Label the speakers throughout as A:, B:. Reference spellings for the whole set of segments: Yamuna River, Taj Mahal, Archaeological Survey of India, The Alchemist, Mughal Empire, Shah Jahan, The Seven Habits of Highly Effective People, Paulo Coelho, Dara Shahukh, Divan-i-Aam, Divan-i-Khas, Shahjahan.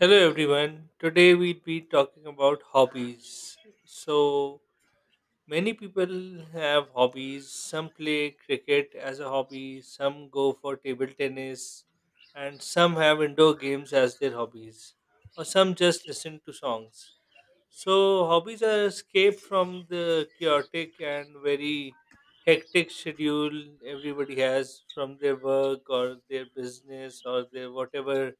A: Hello everyone. Today we'll be talking about hobbies. So many people have hobbies. Some play cricket as a hobby, some go for table tennis, and some have indoor games as their hobbies, or some just listen to songs. So hobbies are escape from the chaotic and very hectic schedule everybody has from their work or their business or their whatever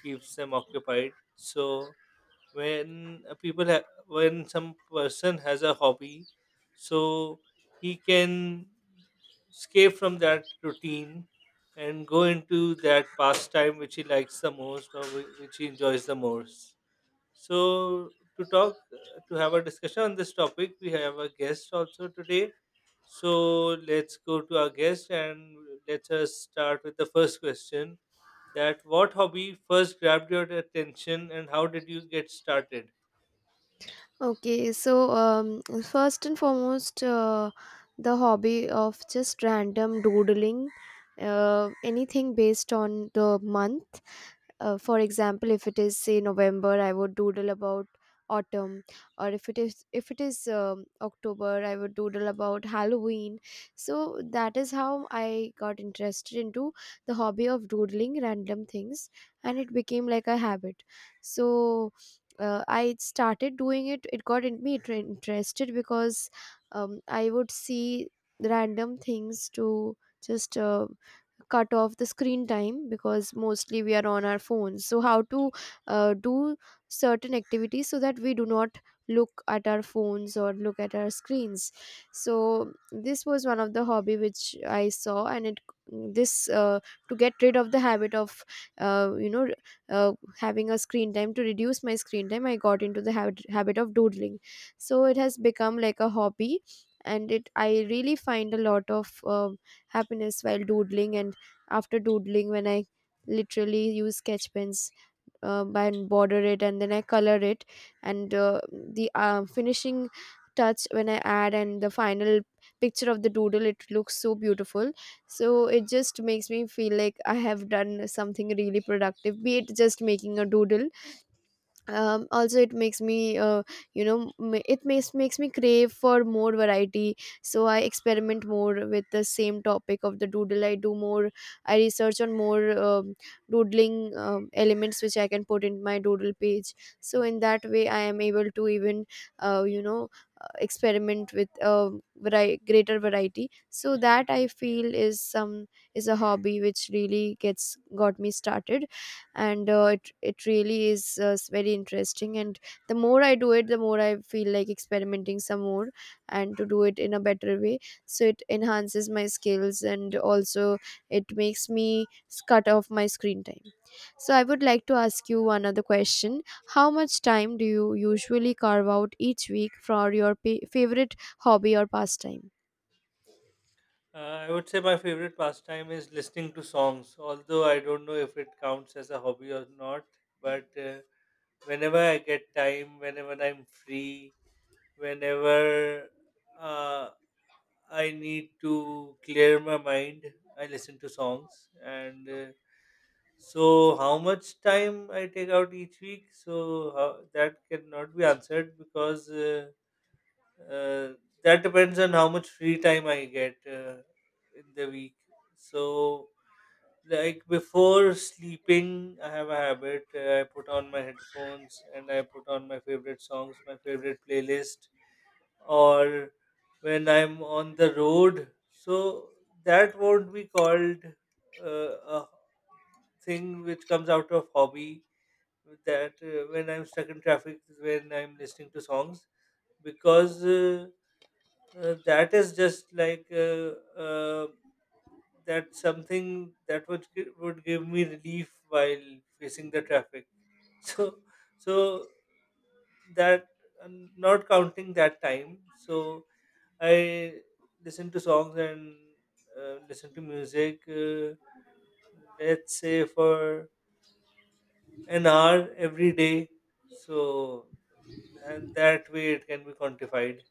A: keeps them occupied. So when some person has a hobby, so he can escape from that routine and go into that pastime which he likes the most or which he enjoys the most. So, to have a discussion on this topic, we have a guest also today. So, let's go to our guest and let us start with the first question that what hobby first grabbed your attention and how did you get started?
B: First and foremost, the hobby of just random doodling, anything based on the month. For example, if it is say November, I would doodle about autumn, or if it is October, I would doodle about Halloween. So that is how I got interested into the hobby of doodling random things, and it became like a habit. So I started doing it. It got in me interested because I would see random things to just cut off the screen time, because mostly we are on our phones. So how to do certain activities so that we do not look at our phones or look at our screens. So this was one of the hobby which I saw, and it this to get rid of the habit of uh, you know having a screen time, to reduce my screen time, I got into the habit of doodling. So it has become like a hobby, and it I really find a lot of happiness while doodling. And after doodling, when I literally use sketch pens and border it and then I color it, and the finishing touch when I add, and the final picture of the doodle, it looks so beautiful. So it just makes me feel like I have done something really productive, be it just making a doodle. Also, it makes me it makes me crave for more variety. So I experiment more with the same topic of the doodle. I do more, I research on more doodling elements which I can put in my doodle page. So in that way I am able to even uh, you know experiment with a greater variety. So that, I feel, is some is a hobby which really gets got me started. And it really is very interesting. And the more I do it, the more I feel like experimenting some more and to do it in a better way. So it enhances my skills and also it makes me cut off my screen time. So I would like to ask you one other question. How much time do you usually carve out each week for your favorite hobby or pastime?
A: Uh, I would say my favorite pastime is listening to songs, although I don't know if it counts as a hobby or not. But whenever I get time, whenever I'm free, whenever uh, I need to clear my mind. I listen to songs, and so how much time I take out each week? So that cannot be answered, because uh, that depends on how much free time I get in the week. So like before sleeping, I have a habit. I put on my headphones and I put on my favorite songs, my favorite playlist, or when I'm on the road. So that won't be called a thing which comes out of hobby. That When I'm stuck in traffic, when I'm listening to songs, because that is just like uh, that's something that would would give me relief while facing the traffic. So so that, and not counting that time. So I listen to songs and listen to music. Let's say for an hour every day. So, and that way it can be quantified.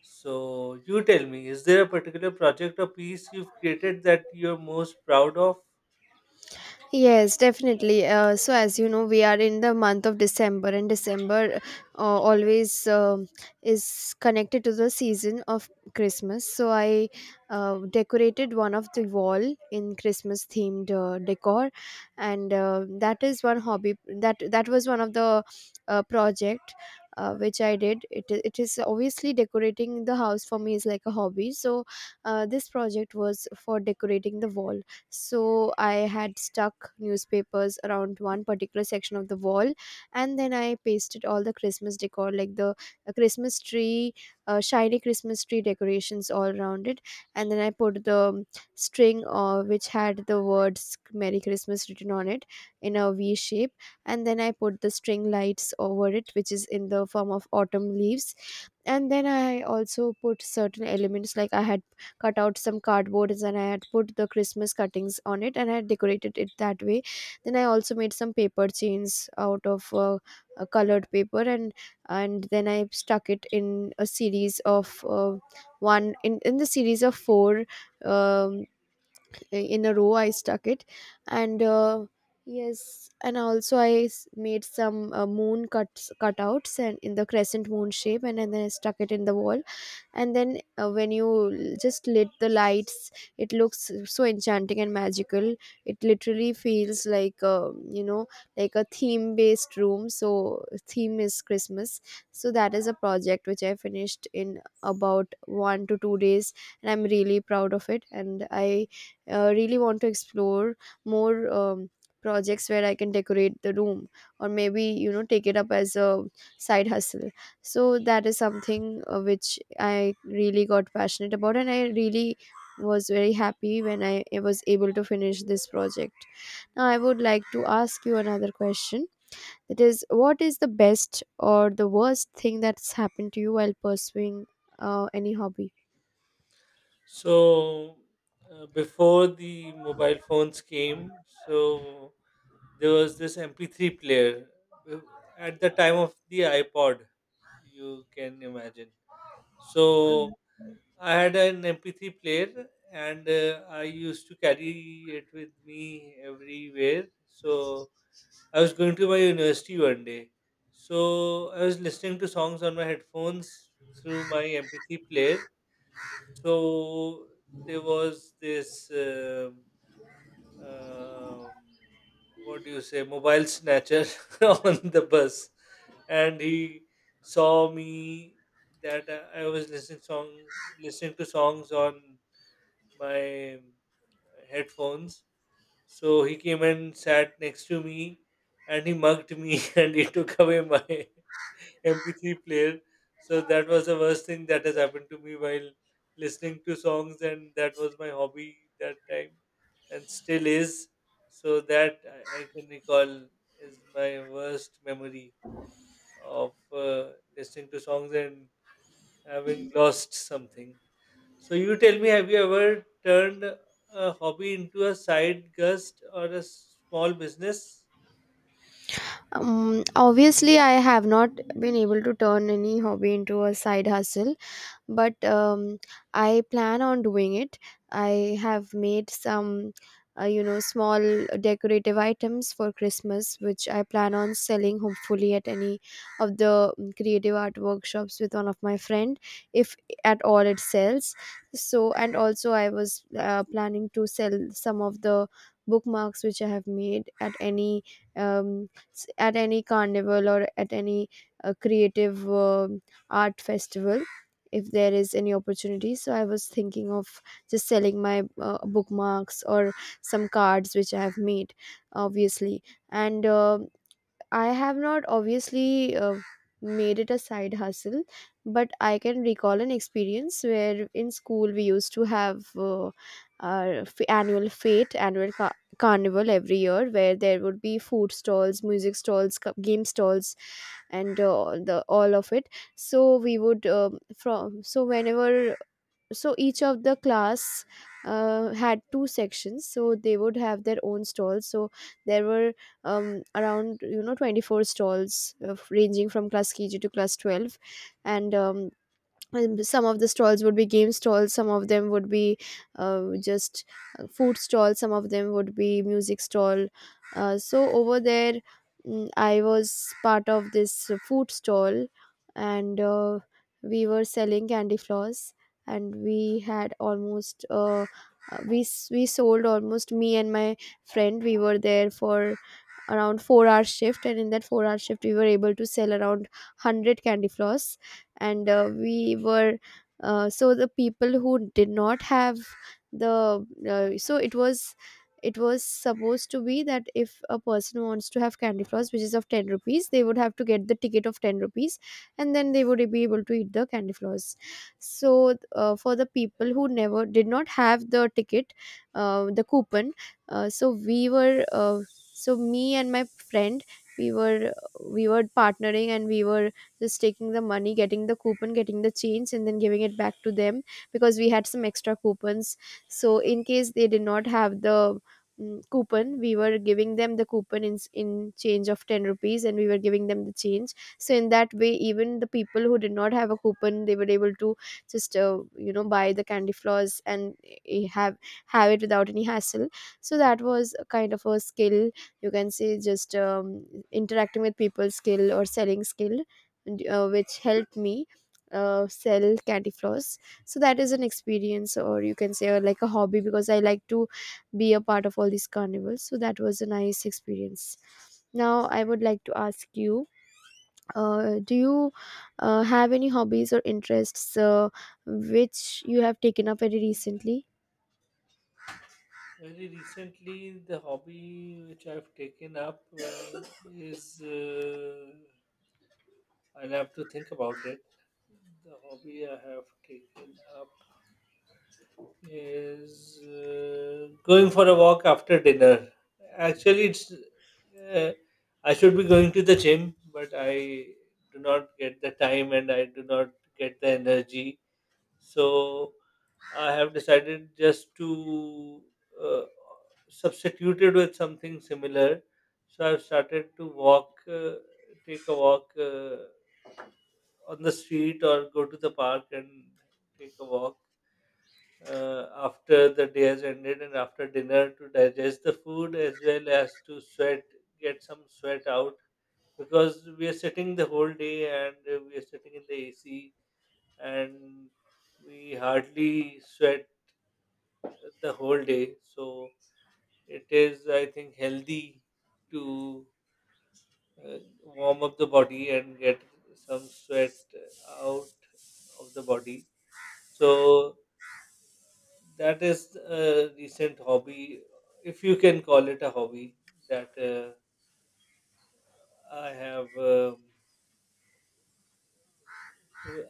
A: So you tell me, is there a particular project or piece you've created that you're most proud of?
B: Yes, definitely. So, as you know, we are in the month of December, and December always is connected to the season of Christmas. So I decorated one of the wall in Christmas themed decor, and that is one hobby that that was one of the project which I did. It is obviously decorating the house for me is like a hobby. So this project was for decorating the wall. So I had stuck newspapers around one particular section of the wall, and then I pasted all the Christmas decor like the Christmas tree, shiny Christmas tree decorations all around it. And then I put the string, which had the words Merry Christmas written on it, in a V shape. And then I put the string lights over it, which is in the form of autumn leaves. And then I also put certain elements like I had cut out some cardboards, and I had put the Christmas cuttings on it, and I had decorated it that way. Then I also made some paper chains out of a colored paper, and then I stuck it in a series of one in the series of four, um, in a row. I stuck it and yes, and also I made some moon cuts cutouts and in the crescent moon shape, and then I stuck it in the wall. And then when you just lit the lights, it looks so enchanting and magical. It literally feels like like a theme based room, so theme is Christmas. So that is a project which I finished in about 1 to 2 days, and I'm really proud of it. And I really want to explore more projects where I can decorate the room or maybe, you know, take it up as a side hustle. So that is something which I really got passionate about, and I really was very happy when I was able to finish this project. Now I would like to ask you another question, that is, what is the best or the worst thing that's happened to you while pursuing any hobby?
A: So before the mobile phones came, so there was this MP3 player, uh, at the time of the iPod, you can imagine. So I had an MP3 player, and I used to carry it with me everywhere. So I was going to my university one day. So I was listening to songs on my headphones through my MP3 player. So there was this, um, what do you say, mobile snatcher on the bus, and he saw me that I was listening to songs on my headphones. So he came and sat next to me, and he mugged me and he took away my MP3 player. So that was the worst thing that has happened to me while listening to songs, and that was my hobby that time and still is. So that I can recall is my worst memory of listening to songs and having lost something. So you tell me, have you ever turned a hobby into a side gust or a small business?
B: Obviously, I have not been able to turn any hobby into a side hustle, but I plan on doing it. I have made some small decorative items for Christmas which I plan on selling hopefully at any of the creative art workshops with one of my friend, if at all it sells. So and also I was planning to sell some of the bookmarks which I have made at any at any carnival or at any creative art festival, if there is any opportunity. So I was thinking of just selling my bookmarks or some cards which I have made, obviously. And I have not obviously made it a side hustle, but I can recall an experience where in school we used to have our annual fete, annual carnival every year, where there would be food stalls, music stalls, game stalls, and the all of it. So we would from so whenever so each of the class had two sections, so they would have their own stalls. So there were around, you know, 24 stalls ranging from class KG to class 12. And some of the stalls would be game stalls, some of them would be just food stalls, some of them would be music stall. Uh, so over there, I was part of this food stall. And we were selling candy floss, and we had almost we sold almost, me and my friend we were there for around 4-hour shift, and in that 4-hour shift we were able to sell around 100 candy floss. And we were so the people who did not have the so it was supposed to be that if a person wants to have candy floss which is of 10 rupees, they would have to get the ticket of 10 rupees, and then they would be able to eat the candy floss. So for the people who never did not have the ticket, the coupon, so we were so me and my friend, we were we were partnering, and we were just taking the money, getting the coupon, getting the change, and then giving it back to them because we had some extra coupons. So in case they did not have the coupon, we were giving them the coupon in change of 10 rupees, and we were giving them the change. So in that way, even the people who did not have a coupon, they were able to just buy the candy floss and eh, have have it without any hassle. So that was a kind of a skill, you can say, just interacting with people skill or selling skill which helped me sell candy floss. So that is an experience, or you can say, or like a hobby, because I like to be a part of all these carnivals. So that was a nice experience. Now I would like to ask you, do you have any hobbies or interests which you have taken up very recently?
A: Very recently, the hobby which I've taken up is I'll have to think about it. The hobby I have taken up is going for a walk after dinner. Actually, it's uh, I should be going to the gym, but I do not get the time and I do not get the energy. So I have decided just to uh, substitute it with something similar. So I've started to take a walk on the street, or go to the park and take a walk after the day has ended and after dinner, to digest the food as well as to sweat, get some sweat out, because we are sitting the whole day and we are sitting in the AC and we hardly sweat the whole day. So it is, I think, healthy to warm up the body and get some sweat out of the body. So that is a recent hobby, if you can call it a hobby, that I have um,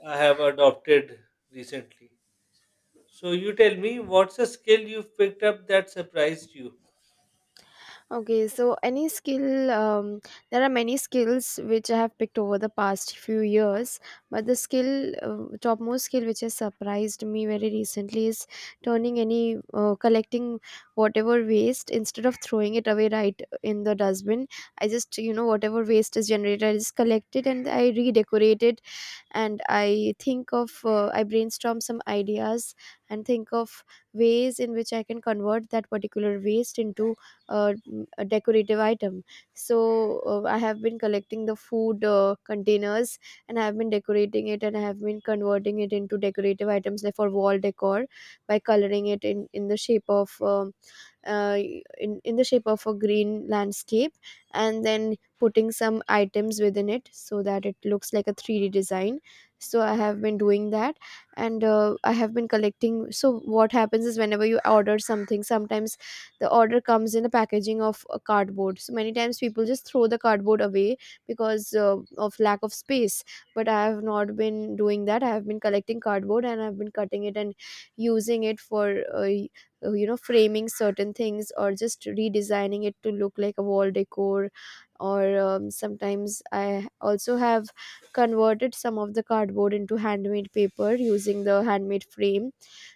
A: I have adopted recently. So you tell me, what's a skill you've picked up that surprised you?
B: Okay, so any skill, there are many skills which I have picked over the past few years, but the skill, topmost skill which has surprised me very recently, is turning any, collecting whatever waste instead of throwing it away right in the dustbin. I just, you know, whatever waste is generated, I just collect it and I redecorate it, and I think of I brainstorm some ideas and think of ways in which I can convert that particular waste into a decorative item. So I have been collecting the food containers, and I have been decorating it, and I have been converting it into decorative items like for wall decor by coloring it in the shape of uh, in the shape of a green landscape, and then putting some items within it so that it looks like a 3D design. So I have been doing that. And I have been collecting, so what happens is whenever you order something, sometimes the order comes in the packaging of a cardboard, so many times people just throw the cardboard away because of lack of space. But I have not been doing that. I have been collecting cardboard, and I've been cutting it and using it for you know, framing certain things, or just redesigning it to look like a wall decor. Or sometimes I also have converted some of the cardboard into handmade paper using the handmade frame.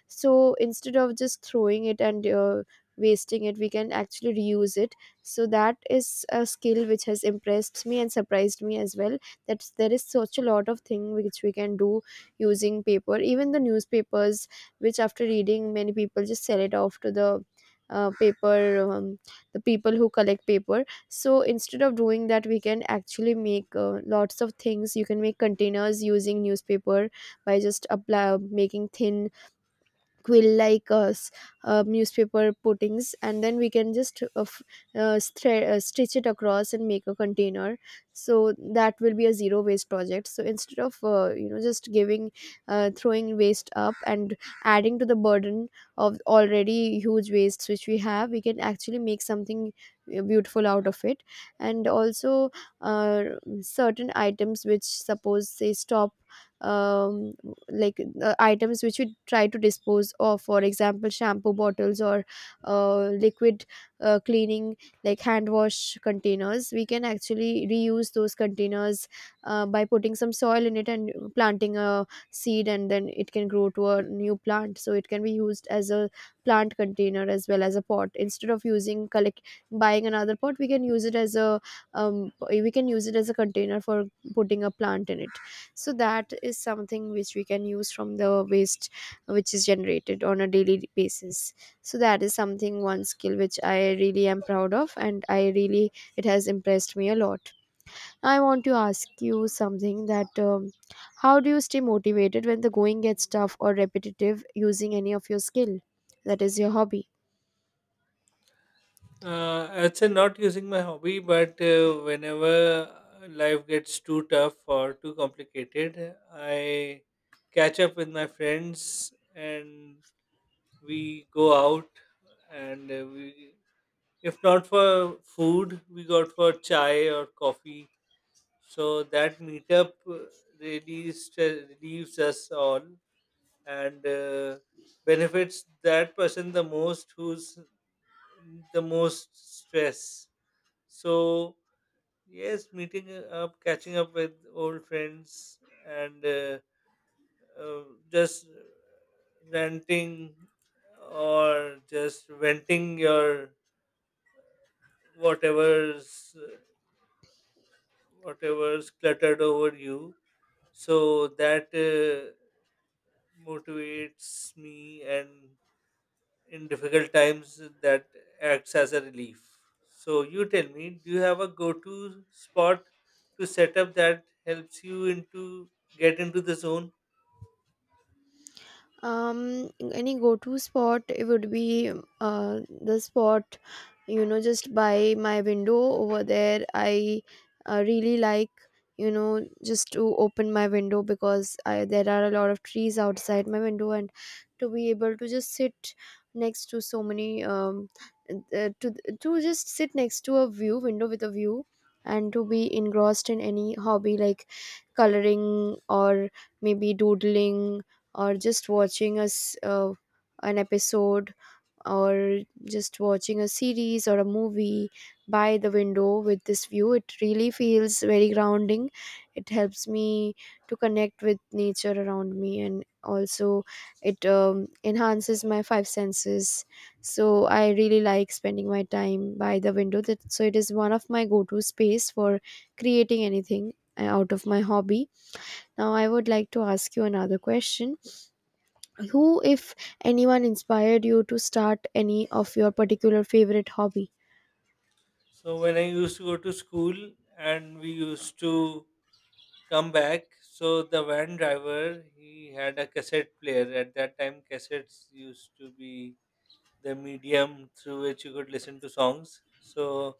B: So instead of just throwing it and wasting it, we can actually reuse it. So that is a skill which has impressed me and surprised me as well, that there is such a lot of thing which we can do using paper, even the newspapers, which after reading many people just sell it off to the paper, the people who collect paper. So instead of doing that, we can actually make lots of things. You can make containers using newspaper by just making thin quill like newspaper puttings, and then we can just stitch it across and make a container. So that will be a zero waste project. So instead of you know, just giving throwing waste up and adding to the burden of already huge wastes which we have, we can actually make something beautiful out of it. And also, uh, certain items which suppose say stop, um, like items which we try to dispose of, for example shampoo bottles or liquid cleaning, like hand wash containers, we can actually reuse those containers by putting some soil in it and planting a seed, and then it can grow to a new plant. So it can be used as a plant container as well as a pot. Instead of using collect buying another pot, we can use it as a we can use it as a container for putting a plant in it. So that is something which we can use from the waste which is generated on a daily basis. So that is something, one skill which I really am proud of, and I really, it has impressed me a lot. I want to ask you something, that how do you stay motivated when the going gets tough or repetitive using any of your skill that is your hobby?
A: I'd say not using my hobby, but whenever life gets too tough or too complicated, I catch up with my friends and we go out, and we if not for food, we got for chai or coffee. So that meetup really relieves us all, and benefits that person the most who's in the most stress. So yes, meeting up, catching up with old friends, and uh, just ranting or just venting your whatever's whatever's cluttered over you. So that motivates me, and in difficult times, that acts as a relief. So, you tell me, do you have a go to spot to set up that helps you into get into the zone?
B: Um, any go-to spot, it would be the spot, you know, just by my window over there. I really like, you know, just to open my window because there are a lot of trees outside my window, and to be able to just sit next to so many uh, to to just sit next to a view window with a view and to be engrossed in any hobby like coloring or maybe doodling, or just watching us an episode, or just watching a series or a movie by the window with this view. It really feels very grounding. It helps me to connect with nature around me, and also it enhances my 5 senses. So I really like spending my time by the window, that, so it is one of my go-to space for creating anything out of my hobby. Now I would like to ask you another question. Who, if anyone, inspired you to start any of your particular favorite hobby?
A: So, when I used to go to school and we used to come back, so the van driver he had a cassette player at that time, cassettes used to be the medium through which you could listen to songs. So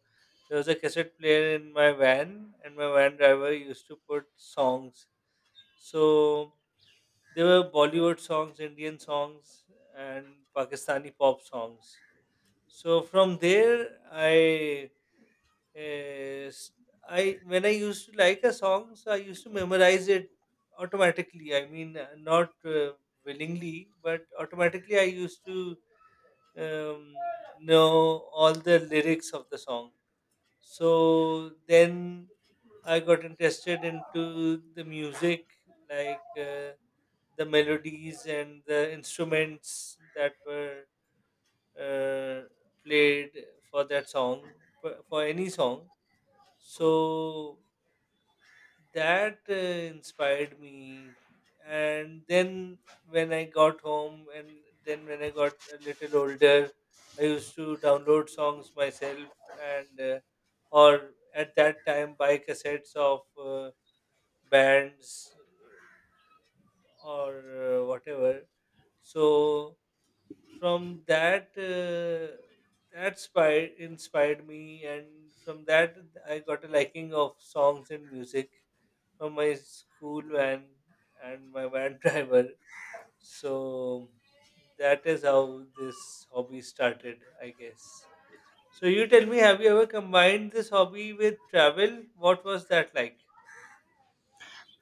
A: there was a cassette player in my van, and my van driver used to put songs. So there were Bollywood songs, Indian songs, and Pakistani pop songs. So from there, I, uh, s- when I used to like a song, so I used to memorize it automatically. I mean, not willingly, but automatically I used to um, know all the lyrics of the song. So then I got interested into the music, like the melodies and the instruments that were uh, played for that song, for any song. So that inspired me. And then when I got home, and then when I got a little older, I used to download songs myself, and or at that time buy cassettes of bands or whatever. So from that, that inspired me, and from that I got a liking of songs and music from my school van and my van driver. So that is how this hobby started, I guess. So you tell me, have you ever combined this hobby with travel? What was that like?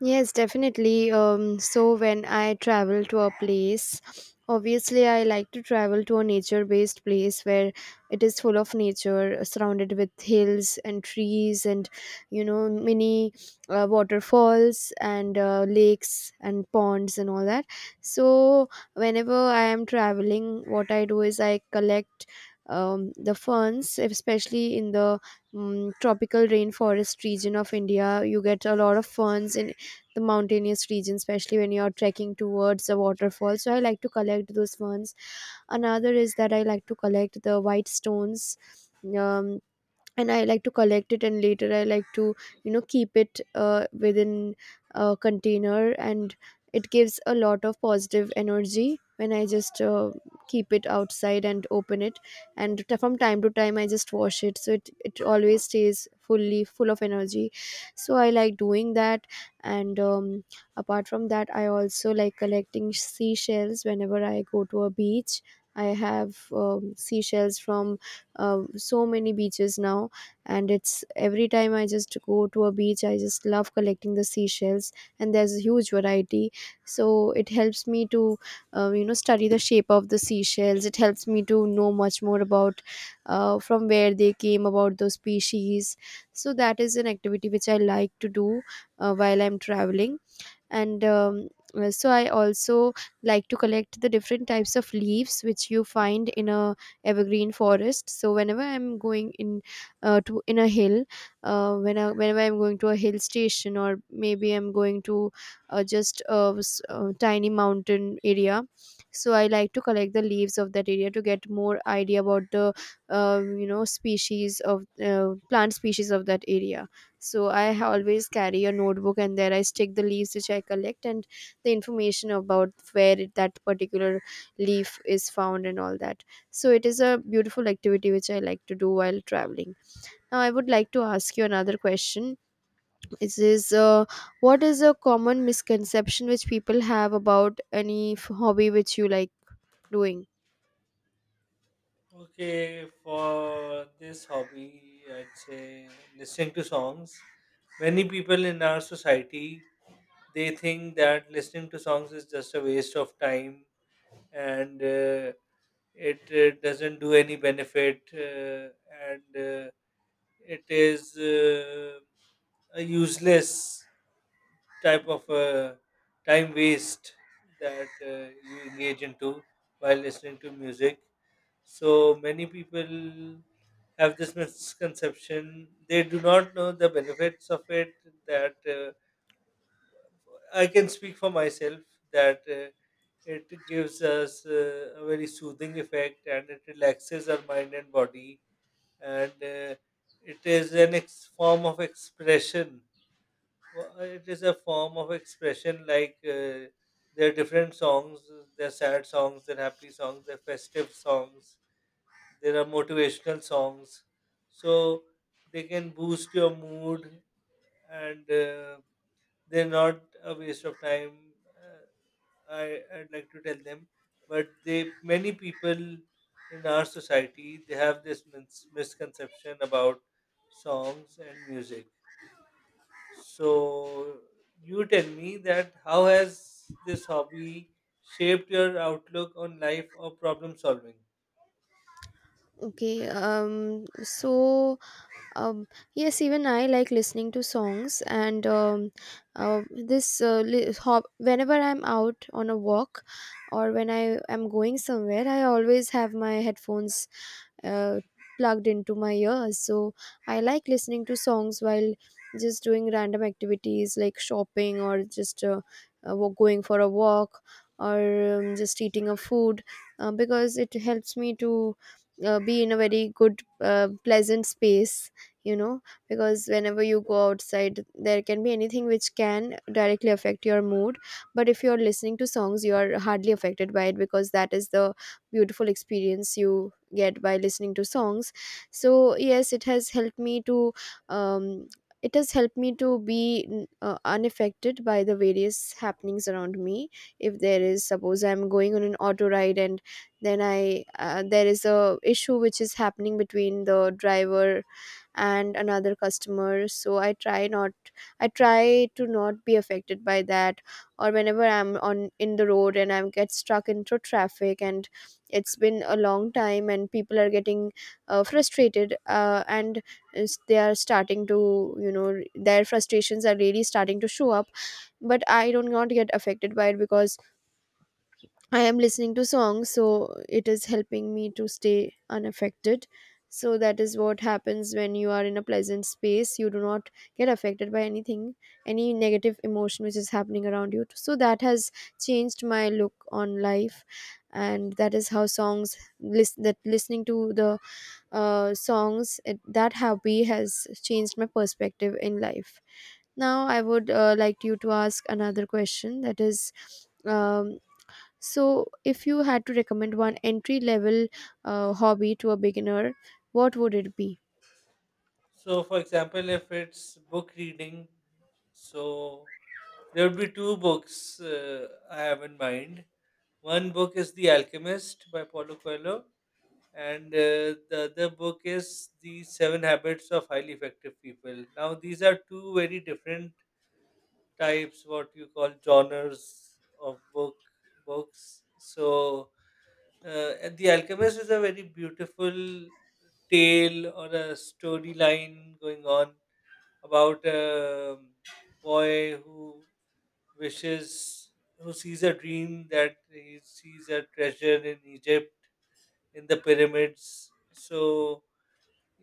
B: Yes, definitely. So when I travel to a place, obviously I like to travel to a nature-based place where it is full of nature, surrounded with hills and trees and you know many waterfalls and lakes and ponds and all that. So whenever I am traveling, what I do is I collect the ferns, especially in the tropical rainforest region of India. You get a lot of ferns in the mountainous region, especially when you're trekking towards the waterfall. So I like to collect those ones. Another is that I like to collect the white stones. Um, and I like to collect it and later I like to, you know, keep it within a container, and it gives a lot of positive energy when I just keep it outside and open it. And from time to time I just wash it, so it always stays fully full of energy. So I like doing that. And apart from that, I also like collecting seashells whenever I go to a beach. I have seashells from uh, so many beaches now, and it's every time I just go to a beach, I just love collecting the seashells, and there's a huge variety. So it helps me to you know, study the shape of the seashells. It helps me to know much more about from where they came, about those species. So that is an activity which I like to do while I'm traveling. And so I also like to collect the different types of leaves which you find in a evergreen forest. So whenever I'm going in to in a hill, whenever I'm going to a hill station, or maybe I'm going to just a tiny mountain area, so I like to collect the leaves of that area to get more idea about the you know, species of plant species of that area. So always carry a notebook, and there I stick the leaves which I collect and the information about that particular leaf is found and all that. So it is a beautiful activity which I like to do while traveling. Now I would like to ask you another question. It is what is a common misconception which people have about any hobby which you like doing?
A: Okay, for this hobby, I'd say listening to songs. Many people in our society they think that listening to songs is just a waste of time, and it doesn't do any benefit, and it is a useless type of time waste that you engage into while listening to music. So many people have this misconception. They do not know the benefits of it. That I can speak for myself, that it gives us a very soothing effect, and it relaxes our mind and body, and it is an form of expression. It is a form of expression, like there are different songs. There are sad songs, there are happy songs, there are festive songs, there are motivational songs. So they can boost your mood, and they're not a waste of time. Uh, I, I'd like to tell them, but they many people in our society they have this misconception about songs and music. So you tell me that how has this hobby shaped your outlook on life or problem solving?
B: Okay. So um, yes, even I like listening to songs, and whenever I'm out on a walk or when I am going somewhere, I always have my headphones uh, plugged into my ears. So I like listening to songs while just doing random activities like shopping, or just going for a walk, or just eating a food, because it helps me to be in a very good, pleasant space, you know. Because whenever you go outside, there can be anything which can directly affect your mood. But if you're listening to songs, you are hardly affected by it, because that is the beautiful experience you get by listening to songs. So yes, it has helped me to um, it has helped me to be unaffected by the various happenings around me. If there is, suppose I'm going on an auto ride, and then I there is a issue which is happening between the driver and another customer, so I try to not be affected by that. Or whenever I'm on in the road and I'm get stuck into traffic, and it's been a long time and people are getting frustrated, and is- they are starting to, you know, their frustrations are really starting to show up, but I do not get affected by it because I am listening to songs, so it is helping me to stay unaffected. So that is what happens when you are in a pleasant space. You do not get affected by anything, any negative emotion which is happening around you. So that has changed my look on life, and that is how that listening to the songs, that hobby has changed my perspective in life. Now I would like you to ask another question. That is. Um, so if you had to recommend one entry level hobby to a beginner, what would it be?
A: So, for example, if it's book reading, so there would be two books I have in mind. One book is The Alchemist by Paulo Coelho, and the other book is The Seven Habits of Highly Effective People. Now, these are two very different types, what you call genres of books. So, and The Alchemist is a very beautiful tale or a storyline going on about a boy who which is who sees a dream that he sees a treasure in Egypt in the pyramids. So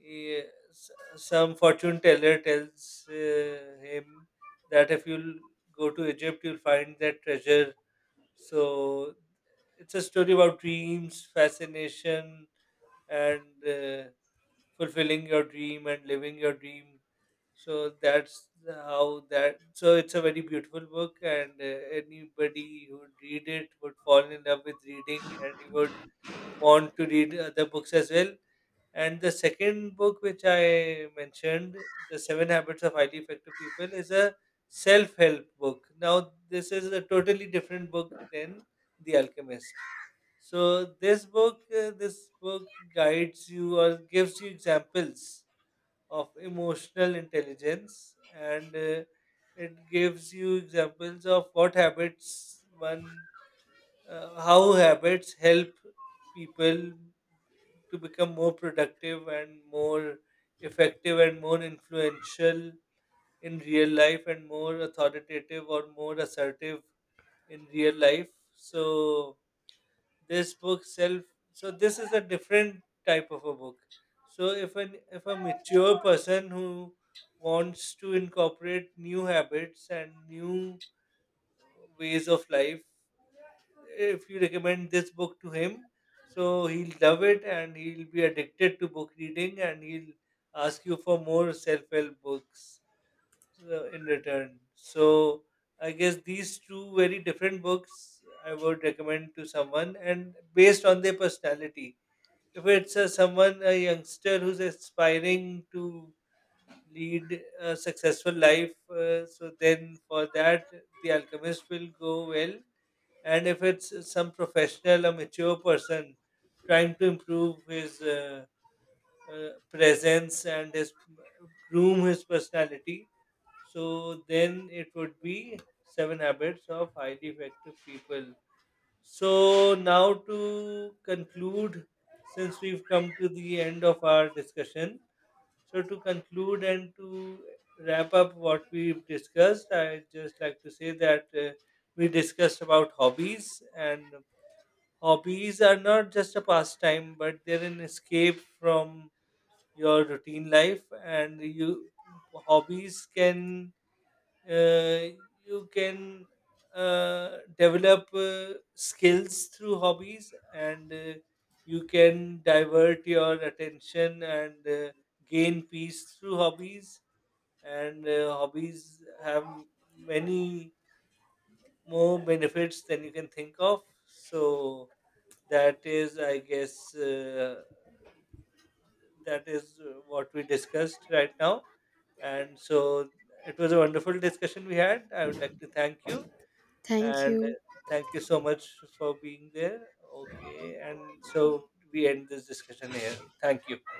A: he- s some fortune teller tells him that if you'll go to Egypt, you'll find that treasure. So it's a story about dreams, fascination, and fulfilling your dream and living your dream, so that's how that. So it's a very beautiful book, and anybody who would read it would fall in love with reading, and he would want to read other books as well. And the second book which I mentioned, The Seven Habits of Highly Effective People, is a self-help book. Now, this is a totally different book than The Alchemist. So this book guides you, or gives you examples of emotional intelligence, and it gives you examples of what habits one how habits help people to become more productive and more effective and more influential in real life, and more authoritative or more assertive in real life. So this book self so this is a different type of a book. So if an if a mature person who wants to incorporate new habits and new ways of life, if you recommend this book to him, so he'll love it and he'll be addicted to book reading and he'll ask you for more self-help books in return. So I guess these two very different books I would recommend to someone, and based on their personality. If it's someone a youngster who's aspiring to lead a successful life, so then for that The Alchemist will go well. And if it's some professional, a mature person trying to improve his presence, and his groom his personality. So then it would be Seven Habits of Highly Effective People. So now to conclude, since we've come to the end of our discussion, so to conclude and to wrap up what we've discussed, I'd just like to say that we discussed about hobbies, and hobbies are not just a pastime, but they're an escape from your routine life and hobbies can uh, you can develop skills through hobbies, and you can divert your attention, and gain peace through hobbies, and hobbies have many more benefits than you can think of. So that is, I guess, that is what we discussed right now. And so it was a wonderful discussion we had. I would like to thank you,
B: Thank
A: and
B: you.
A: thank you so much for being there. Okay, and so we end this discussion here. Thank you.